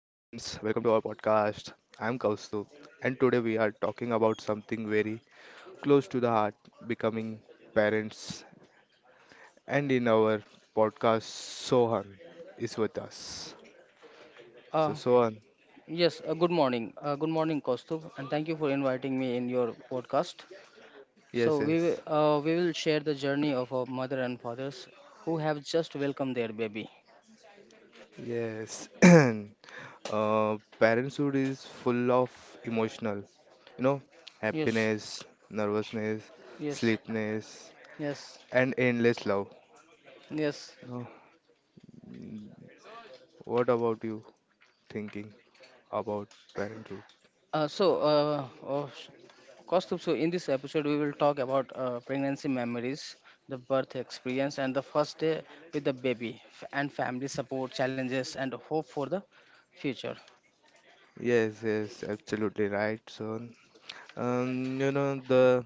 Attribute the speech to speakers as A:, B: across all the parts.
A: welcome to our podcast. I'm Kaustup, and today we are talking about something very close to the heart becoming parents. And in our podcast, Sohan is with us.
B: Uh,
A: So, Sohan,
B: yes, good morning. Good morning, Kaustubh, and thank you for inviting me in your podcast.
A: yes,
B: So
A: yes,
B: we will share the journey of our mother and fathers who have just welcomed their baby.
A: yes. Parenthood is full of emotional, you know,
B: Yes,
A: happiness, nervousness,
B: yes,
A: sleepiness,
B: yes,
A: and endless love.
B: yes.
A: No, what about you thinking? About parenthood.
B: Uh, so, uh, oh, sh- Kaustubh, so in this episode we will talk about pregnancy memories, the birth experience, and the first day with the baby, and family support challenges and hope for the future.
A: Yes, yes, absolutely right, son. You know, the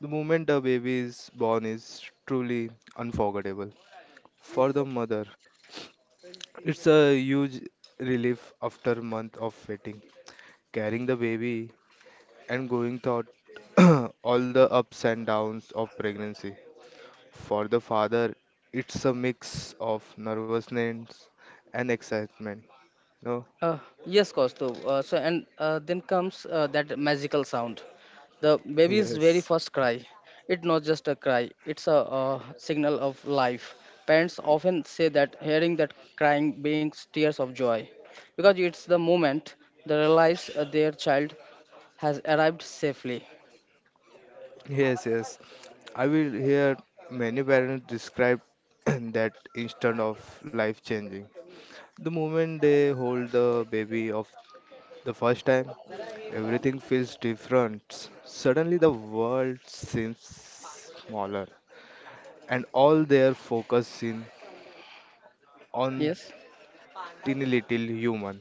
A: the moment a baby is born is truly unforgettable. For the mother, it's a huge relief after month of waiting, carrying the baby and going through all the ups and downs of pregnancy. For the father, it's a mix of nervousness and excitement. No,
B: Uh, yes, Kaustav. So, and then comes that magical sound, the baby's very
A: yes.
B: first cry. It's not just a cry; it's a, signal of life. Parents often say that hearing that crying brings tears of joy, because it's the moment they realize their child has arrived safely.
A: Yes, yes. I will hear many parents describe that instant of life changing. The moment they hold the baby of the first time, everything feels different. Suddenly the world seems smaller and all their focus in on
B: Yes.
A: teeny little human.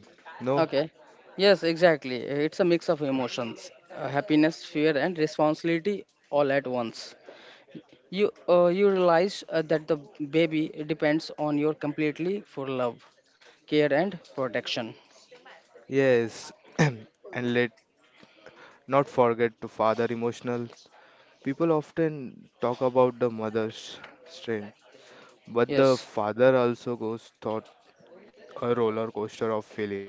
A: No?
B: Okay. Yes, exactly. It's a mix of emotions, happiness, fear, and responsibility all at once. You realize that the baby depends on you completely for love, care and protection
A: Yes. And let not forget to father emotional. People often talk about the mother's strain. But the
B: yes
A: father also goes through a roller coaster of feeling.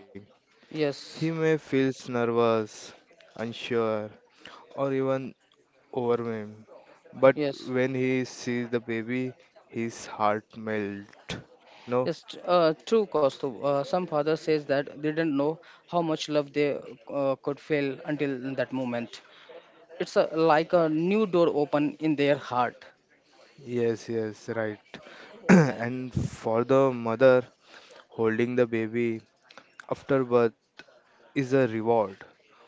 A: He
B: yes
A: may feel nervous, unsure, or even overwhelmed. But
B: yes
A: when he sees the baby, his heart melts. No?
B: yes t- uh, True costo, some father says that they didn't know how much love they could feel until that moment. It's a, like a new door open in their heart
A: Yes, yes, right. And for the mother, holding the baby after birth is a reward.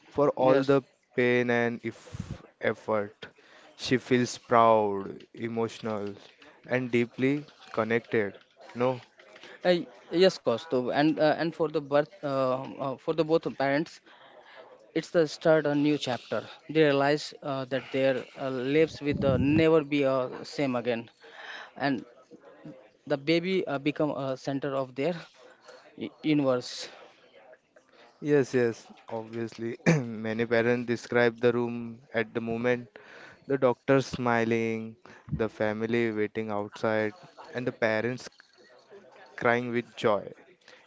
A: For all
B: yes
A: the pain and if effort, she feels proud, emotional, and deeply connected. No?
B: uh, yes Kaustuv. And for the birth for the both parents, it's the start a new chapter. They realize that their lives will never be same again, and the baby become a center of their universe.
A: Yes, yes, obviously. Many parents describe the room at the moment the doctor smiling, the family waiting outside, and the parents crying with joy.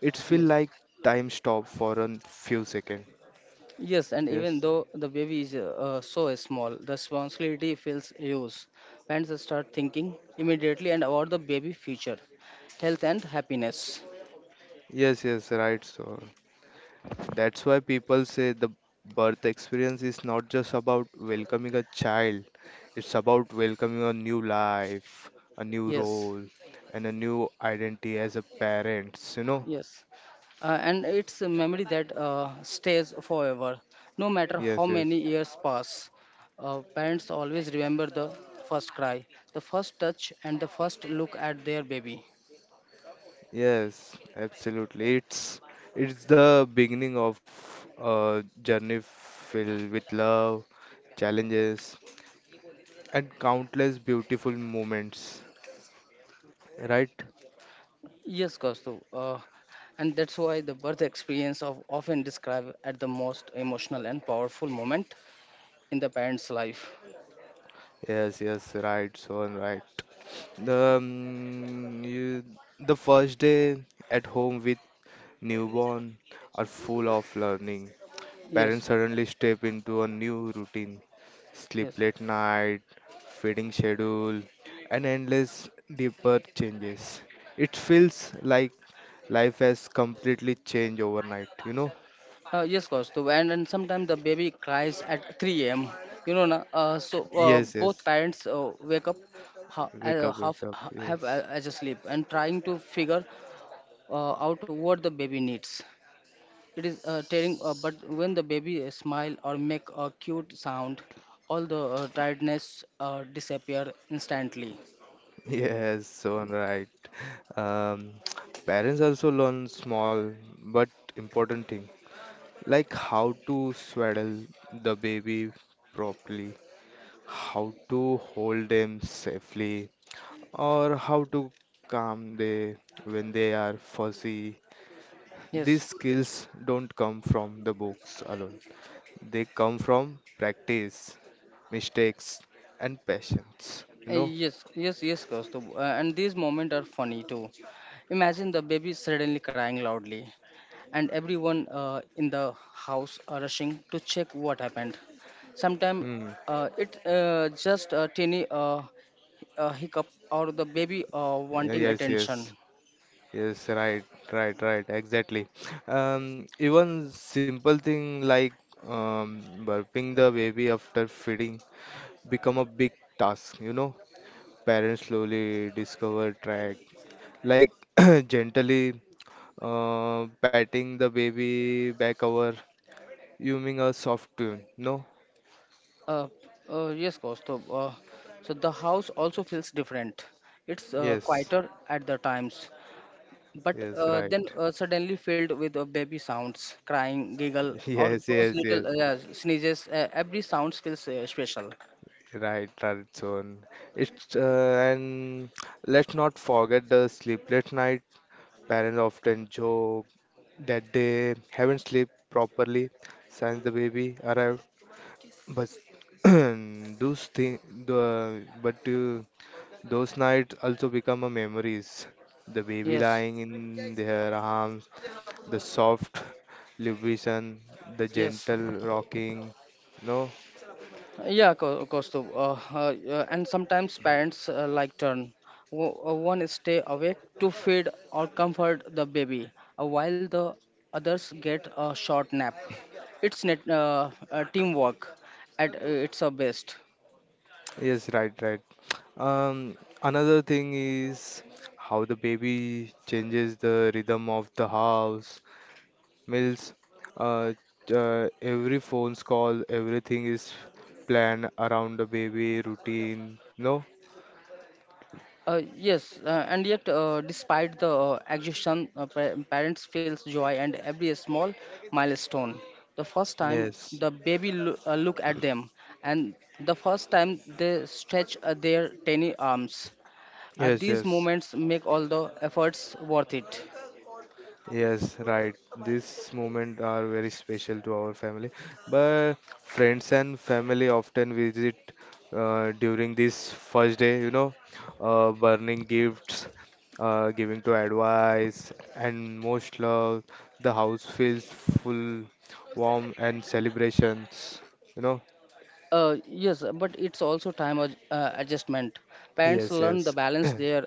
A: It feels
B: yes
A: like time stopped for a few seconds.
B: yes And even
A: Yes,
B: though the baby is so small, the responsibility feels huge. Parents start thinking immediately and about the baby future, health and happiness
A: yes, right, so. That's why people say the birth experience is not just about welcoming a child, it's about welcoming a new life, a new
B: yes
A: role, and a new identity as a parents, you know?
B: yes and it's a memory that stays forever, no matter how
A: Yes,
B: many
A: yes.
B: years pass. Parents always remember the first cry, the first touch, and the first look at their baby.
A: Yes, absolutely. It's the beginning of a journey filled with love, challenges, and countless beautiful moments, right?
B: Yes, Kaustu. And that's why the birth experience of often described as the most emotional and powerful moment in the parent's life.
A: Yes, yes, right, so right. The um, you, the first day at home with newborn are full of learning.
B: Yes,
A: Parents suddenly step into a new routine, sleep
B: yes.
A: late night, feeding schedule, and endless deeper changes. It feels like life has completely changed overnight, you know?
B: Yes, Kaustuv, and sometimes the baby cries at 3 a.m. You know, na, so
A: Yes,
B: both
A: yes.
B: parents wake up
A: Wake up,
B: half
A: wake up.
B: have
A: Yes.
B: as a sleep and trying to figure out what the baby needs. It is tearing, but when the baby smile or make a cute sound, all the tiredness disappear instantly.
A: Yes, so right. Um, parents also learn small but important thing like how to swaddle the baby properly, how to hold them safely, or how to calm them when they are fussy.
B: Yes.
A: These skills don't come from the books alone, they come from practice, mistakes, and patience. You know?
B: Yes, Kaustuv, and these moments are funny too. Imagine the baby suddenly crying loudly and everyone in the house are rushing to check what happened. Sometimes
A: Hmm.
B: it just a tiny hiccup or the baby wanting
A: Yes,
B: attention.
A: yes. Yes, right, right, right, exactly. Even simple thing like burping the baby after feeding become a big task, you know. Parents slowly discover track, like gently patting the baby back over, humming a soft tune. No?
B: Uh, yes, Kaustav. So the house also feels different. It's
A: Yes,
B: quieter at the times, but
A: yes, right.
B: then suddenly filled with baby sounds, crying, giggle, or
A: Yes,
B: those
A: yes, yes.
B: little sneezes. Every sound feels special.
A: Right, right, so. It's And let's not forget the sleepless night. Parents often joke that they haven't slept properly since the baby arrived, but those thing, the, but those nights also become a memories. The baby
B: Yes,
A: lying in their arms, the soft lubrication, the
B: yes.
A: gentle rocking. No,
B: Kaustav. Yeah, and sometimes parents like turn. One stay awake to feed or comfort the baby, while the others get a short nap. It's net teamwork at its best.
A: yes, right, right. Another thing is how the baby changes the rhythm of the house. Meals, uh, every phone's call, everything is planned around the baby routine. No?
B: Yes, and yet, despite the exhaustion, parents feels joy and every small milestone. The first time
A: Yes.
B: the baby look at them, and the first time they stretch their tiny arms.
A: Yes,
B: These
A: yes.
B: moments make all the efforts worth it.
A: Yes, right. These moments are very special to our family. But friends and family often visit during this first day, you know, burning gifts, giving to advice, and most love. The house feels full, warm, and celebrations, you know.
B: Yes, but it's also time adjustment. Parents
A: Yes,
B: learn the
A: yes.
B: balance their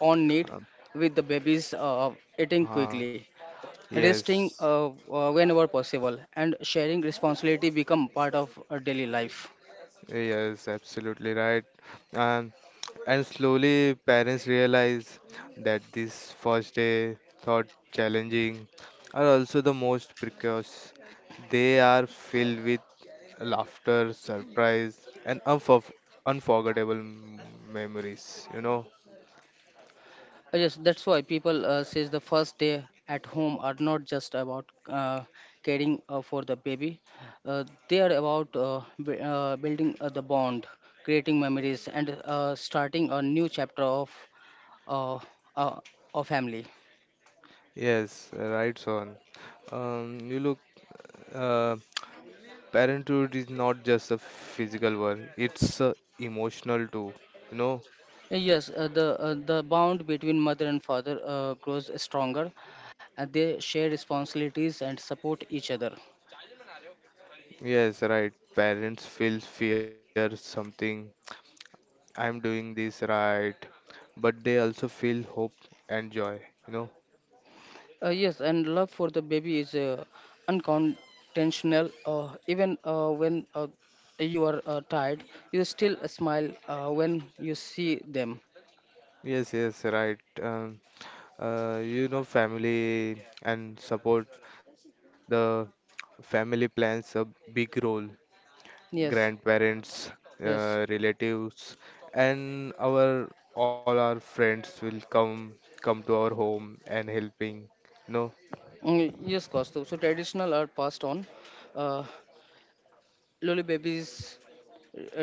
B: own need
A: Uh,
B: with the baby's eating
A: uh,
B: quickly, resting
A: yes,
B: whenever possible and sharing responsibility become part of our daily life.
A: yes, absolutely right. And. And slowly, parents realize that this first day thought challenging are also the most precocious. They are filled with laughter, surprise, and unforgettable memories, you know.
B: Yes, that's why people says the first day at home are not just about uh, caring for the baby, uh, they are about building the bond, creating memories and starting a new chapter uh, uh, of family.
A: Yes, right, Son. You look, uh, parenthood is not just a physical one, it's emotional too, you know.
B: Yes, the bond between mother and father grows stronger and they share responsibilities and support each other.
A: Yes, right. Parents feel fear something I'm doing this right, but they also feel hope and joy, you know.
B: Yes, and love for the baby is unconventional. Even when you are tired, you still smile when you see them.
A: Yes, yes, right. You know, family and support. The family plans a big role.
B: Yes,
A: Grandparents,
B: yes.
A: relatives, and our all our friends will come to our home and helping. No,
B: Yes, Kostu. So traditional are passed on. Uh, lolly babies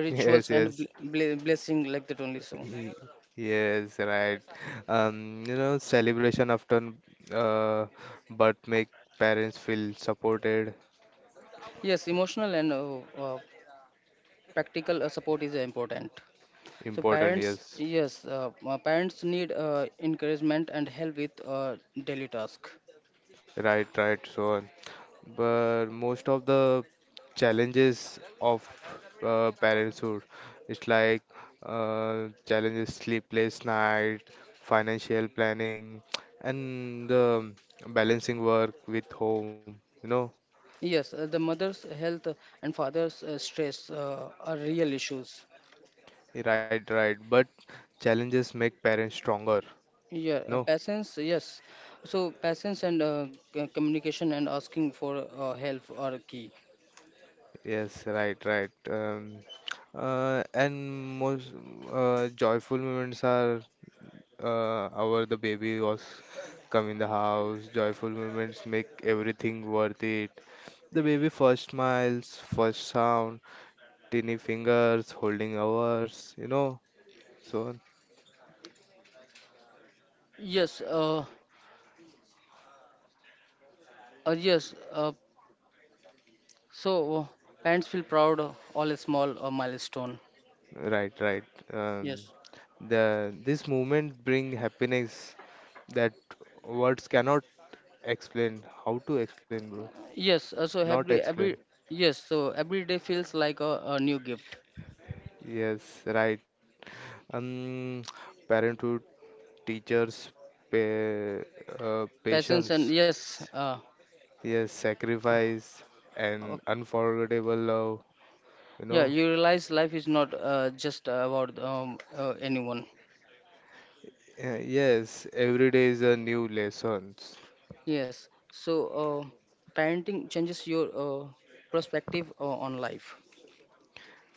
B: rituals
A: yes,
B: and
A: yes.
B: blessing like that only, so
A: Ye- Yes, right. You know, celebration often, uh, but make parents feel supported,
B: yes emotional and uh, practical support is important. So
A: important.
B: parents,
A: Yes,
B: yes, parents need encouragement and help with daily task.
A: right, right, so on. But most of the challenges of parenthood, it's like challenges, sleepless night, financial planning, and the balancing work with home. You know,
B: Yes, the mother's health and father's stress are real issues.
A: right, right. But challenges make parents stronger.
B: Yeah,
A: No,
B: patience, yes. So patience and communication and asking for help are key.
A: yes, right, right. And most joyful moments are our the baby was come in the house. Joyful moments make everything worth it. The baby first smiles, first sound, tiny fingers holding ours, you know. So,
B: Yes, uh, uh, yes. Uh, so uh, Parents feel proud of all a small milestone.
A: right, right. Um,
B: Yes,
A: the this moment bring happiness that words cannot explain. How to explain, bro?
B: yes. Uh, so
A: Not
B: every
A: explain.
B: every yes. So every day feels like a new gift.
A: Yes, right. Um, parenthood, teachers, pa-
B: Passions and
A: patience, yes,
B: uh,
A: sacrifice,
B: o-
A: and unforgettable love. You
B: yeah,
A: know,
B: you realize life is not just about anyone.
A: Yes, every day is a new lessons.
B: Yes, so uh, parenting changes your perspective on life.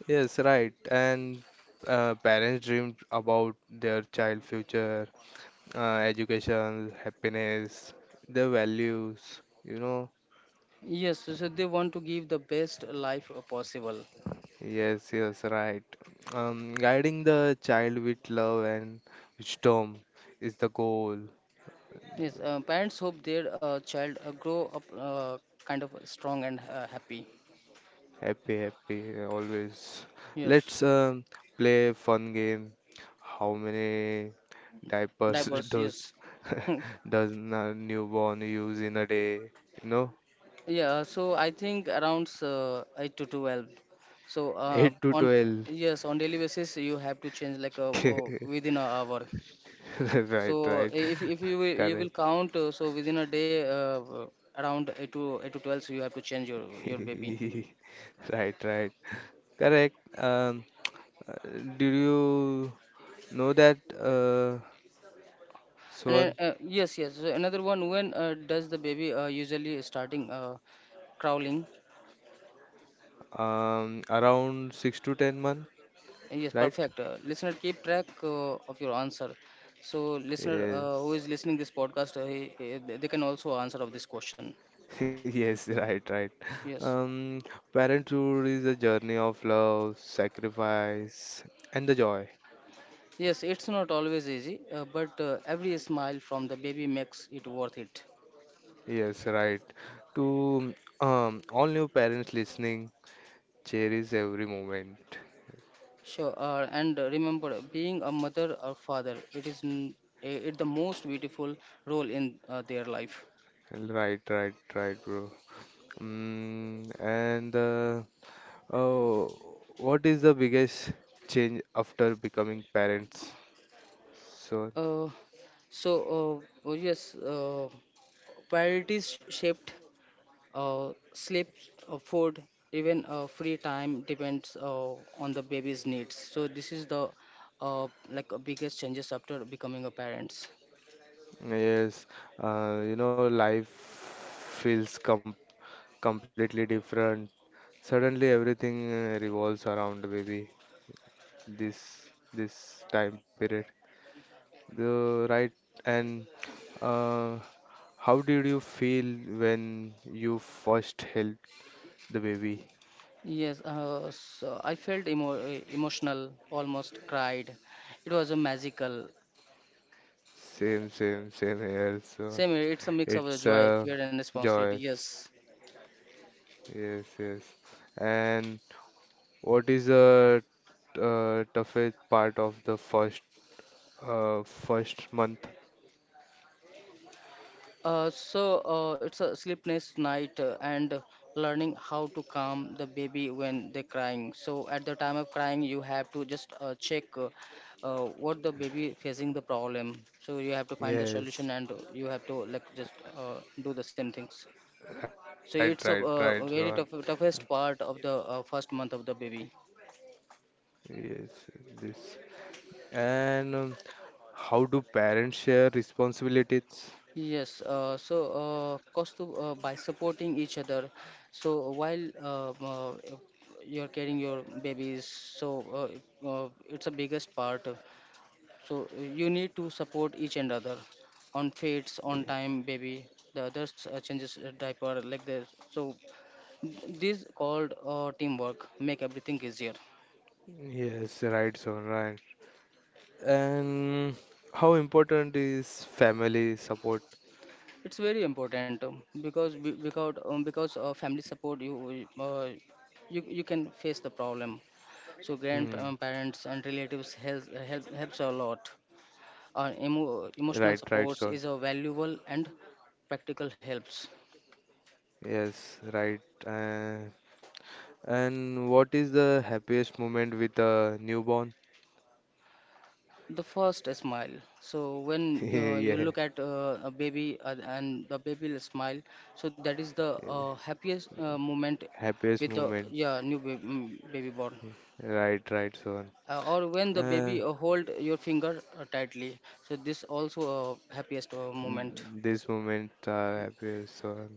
A: Yes, right. And parents dream about their child future, education, happiness, their values. You know,
B: Yes, so they want to give the best life possible.
A: yes, yes, right. Guiding the child with love and wisdom is the goal.
B: Yes, parents hope their child grow up kind of strong and happy.
A: Happy, happy, always.
B: Yes,
A: Let's play fun game. How many diapers
B: diapers.
A: does
B: Yes.
A: does a newborn use in a day? You know,
B: Yeah, so I think around 8 to 12. So
A: eight to
B: on
A: twelve.
B: yes, on daily basis you have to change like within an hour.
A: Right,
B: So
A: right,
B: if you will, you
A: correct.
B: will count so within a day around 8 to 12, so you have to change your baby.
A: Right, right, correct. Uh, Did you know that, uh,
B: And then,
A: Swan?
B: yes, yes. So another one, when does the baby usually starting crawling?
A: Around 6 to 10 month,
B: Yes,
A: right?
B: perfect. Listener, keep track of your answer. So, listener who
A: Yes,
B: is listening this podcast, they can also answer of this question.
A: yes, right, right.
B: Yes,
A: Um, parenthood is a journey of love, sacrifice, and the joy.
B: yes, it's not always easy, but every smile from the baby makes it worth it.
A: Yes, right. To all new parents listening, cherish every moment.
B: Sure. And remember, being a mother or father, it is n- I- it the most beautiful role in their life.
A: Right, right, right, bro. Mm, and uh, Oh, what is the biggest change after becoming parents? So,
B: Uh, so, uh, oh yes, uh, priorities shaped. Sleep, food, even free time depends on the baby's needs. So this is the like biggest changes after becoming a parents.
A: yes, you know, life feels completely different. Suddenly, everything revolves around the baby. This time period, the right. And uh, how did you feel when you first held the baby?
B: Yes, so I felt emotional, almost cried. It was a magical.
A: Same, same, same here. So
B: Same, here, it's a mix of the
A: it's
B: joy,
A: a
B: fear, and responsibility.
A: joy.
B: Yes.
A: Yes, yes. And what is the toughest part of the first month?
B: It's a sleepless night and learning how to calm the baby when they're crying. So at the time of crying, you have to just check what the baby facing the problem. So you have to find the solution
A: Yes,
B: and you have to like just do the same things.
A: right,
B: So
A: right,
B: it's a,
A: right, Zohan.
B: very tough, toughest part of the first month of the baby.
A: Yes, this. And how do parents share responsibilities?
B: Yes, cost by supporting each other. So while you're carrying your babies, so it's a biggest part. So you need to support each and other on feeds, on
A: Ye-
B: time, baby. The others changes a diaper like this. So this called teamwork make everything easier.
A: Yes, right, Zohan, right. And how important is family support?
B: It's very important because be- because family support you, you you can face the problem, so
A: Hmm.
B: grandparents and relatives helps a lot.
A: Right, right,
B: Emotional
A: Zohan.
B: supports is a valuable and practical helps.
A: Yes, right. And what is the happiest moment with a newborn?
B: The first smile. So when you
A: Yeah,
B: look at a baby and the baby will smile, so that is the happiest moment
A: happiest
B: with the
A: moment.
B: yeah new baby, mm, baby born.
A: Right, right, son.
B: Or when the
A: Uh,
B: baby hold your finger tightly, so this also a happiest moment.
A: this moment are happiest, son.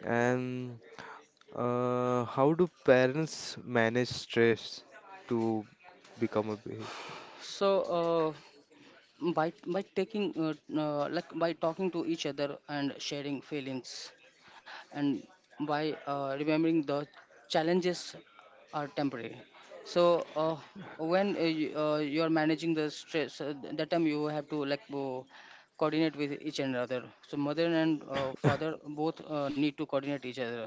A: And how do parents manage stress to become a
B: So by taking like by talking to each other and sharing feelings and by remembering the challenges are temporary, so when you're managing the stress that time you have to like coordinate with each another, so mother and father both need to coordinate each other,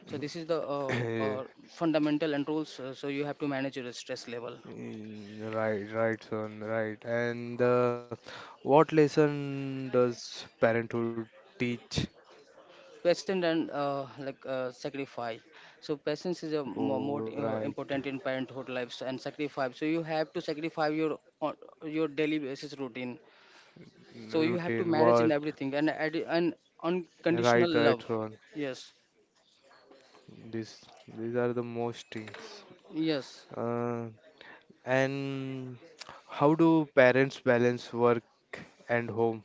B: so this is the
A: baby?
B: fundamental and rules, so you have to manage your stress level.
A: Mm, right, right, son, right. And what lesson does parenthood teach?
B: Patience and sacrifice. So patience is a
A: Oh,
B: more
A: right.
B: important in parenthood lives and sacrifice. So you have to sacrifice your on your daily basis routine.
A: N-
B: So you have to
A: routine
B: manage in
A: work.
B: everything and add an unconditional
A: Right,
B: love.
A: right, Rohan.
B: Yes,
A: These these are the most things.
B: yes.
A: Uh, and how do parents balance work and home?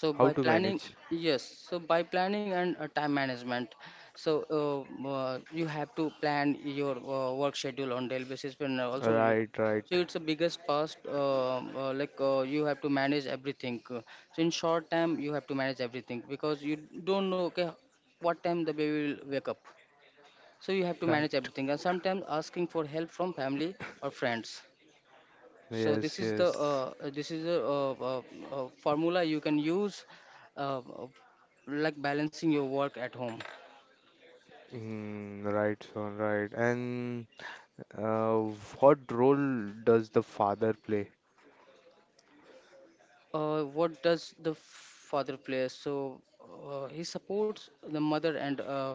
B: So
A: How
B: by
A: to
B: planning,
A: manage?
B: yes. So by planning and time management, so you have to plan your work schedule on daily basis. And also, you,
A: Right,
B: so
A: right,
B: it's the biggest part. Like you have to manage everything. So in short time, you have to manage everything because you don't know okay, what time the baby will wake up. So you have to manage
A: right.
B: everything. And sometimes asking for help from family or friends. So this
A: Yes,
B: is the
A: yes.
B: this is a, formula you can use, uh, uh, like balancing your work at home.
A: Mm, right, Rohan, right. And uh, what role does the father play?
B: What does the father play? So he supports the mother and uh,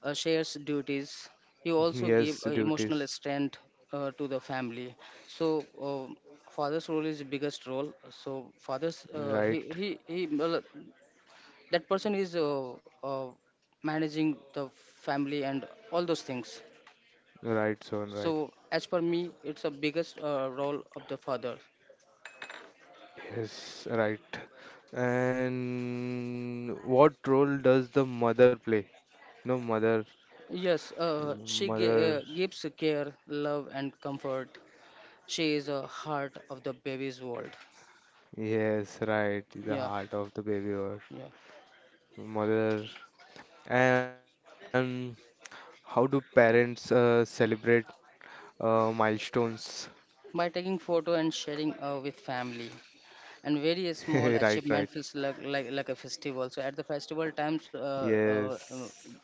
B: uh, shares duties. He also gave
A: Yes,
B: emotional
A: duties.
B: strength to the family. So father's role is the biggest role. So father's
A: Right,
B: he well, that person is managing the family and all those things,
A: right, Rohan,
B: so
A: right.
B: as per me it's a biggest role of the father.
A: Yes, right. And what role does the mother play? No, mother,
B: Yes,
A: mother,
B: gives care love and comfort. She is a heart of the baby's world.
A: yes, right, the
B: Yeah,
A: heart of the baby or
B: yeah.
A: mother. And how do parents celebrate milestones?
B: By taking photo and sharing with family, and very small
A: Right, right,
B: achievement feels like a festival, so at the festival times
A: yes,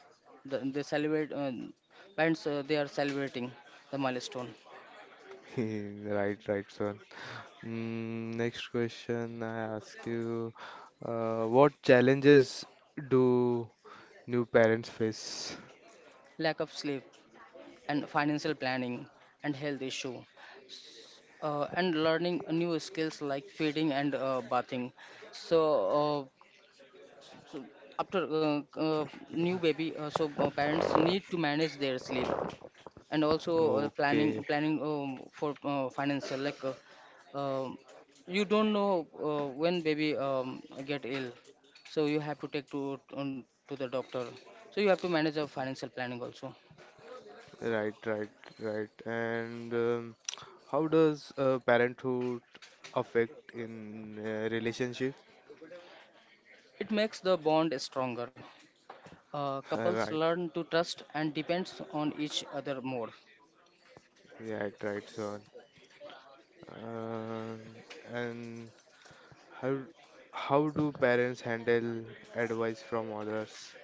B: they celebrate, parents they are celebrating the milestone.
A: right, right, son. Mm, next question I ask you, what challenges do new parents face?
B: Lack of sleep and financial planning and health issue, and learning new skills like feeding and bathing. So, uh, so after new baby, so parents need to manage their sleep and also uh, planning
A: Okay,
B: planning for financial like um, you don't know when baby get ill, so you have to take to on, to the doctor, so you have to manage your financial planning also.
A: right, right, right. And how does parenthood affect in relationship?
B: It makes the bond stronger. Uh, couples
A: Right,
B: learn to trust and depends on each other more.
A: yeah, right, So. Um, and how how do parents handle advice from others?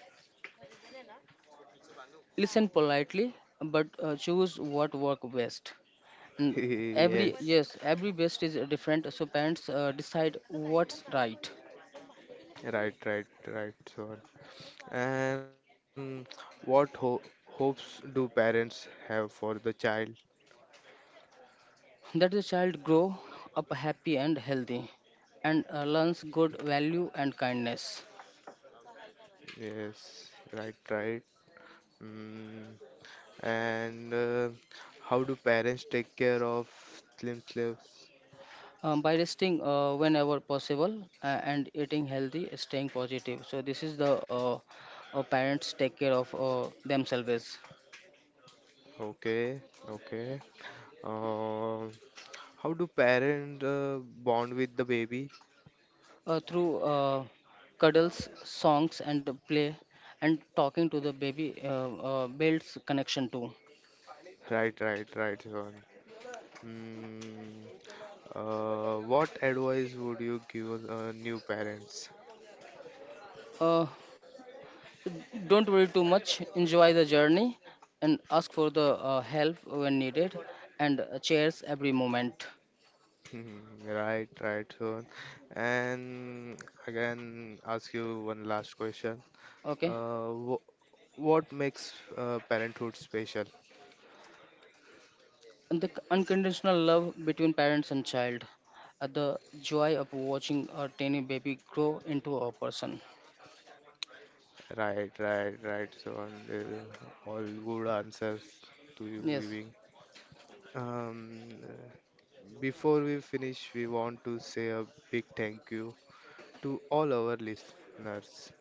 B: Listen politely but choose what work best, and every
A: Yes,
B: yes every best is different, so parents decide what's right.
A: right, right, right, Sean. And what ho hopes do parents have for the child?
B: That the child grow up happy and healthy and learns good value and kindness.
A: Yes, right, right. Mm, and how do parents take care of slim slaves?
B: Um, by resting whenever possible and eating healthy, staying positive, so this is the parents take care of themselves.
A: Okay, okay. Uh, how do parents bond with the baby?
B: Through cuddles, songs and play, and talking to the baby builds connection too.
A: Right, right, right, Siobhan. Hmm. What advice would you give new parents?
B: uh, Don't worry too much, enjoy the journey and ask for the help when needed, and cherish every moment.
A: Hmm, right, right, Siobhan. And again, ask you one last question.
B: Okay?
A: Wh what makes parenthood special?
B: And the unconditional love between parents and child. The joy of watching a tiny baby grow into a person.
A: Right, right, right. So on, all good answers to you
B: Yes.
A: giving. Um, uh, before we finish, we want to say a big thank you to all our listeners.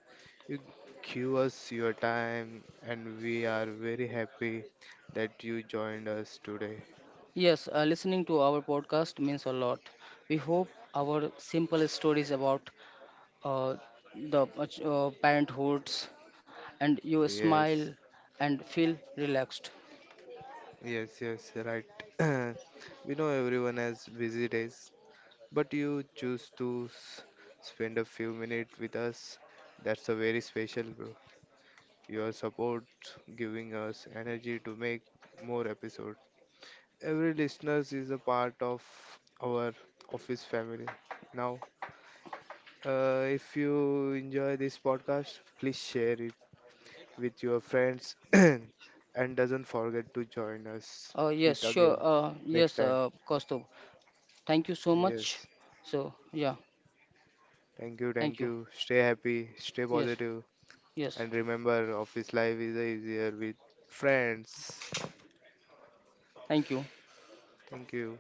A: You give us your time, and we are very happy that you joined us today.
B: Yes, listening to our podcast means a lot. We hope our simple stories about uh, the parenthood and you
A: Yes,
B: smile and feel relaxed.
A: yes, right. We know everyone has busy days, but you choose to spend a few minutes with us. That's a very special, bro. Your support giving us energy to make more episodes. Every listeners is a part of our office family. Now, if you enjoy this podcast, please share it with your friends and doesn't forget to join us
B: Yes,
A: with
B: sure.
A: again next
B: Yes,
A: time.
B: Kaustubh. Thank you so much.
A: Yes.
B: So, yeah,
A: Thank you,
B: thank
A: thank
B: you.
A: you. Stay happy, stay
B: Yes,
A: positive.
B: yes,
A: And remember, office life is easier with friends.
B: thank you.
A: Thank you.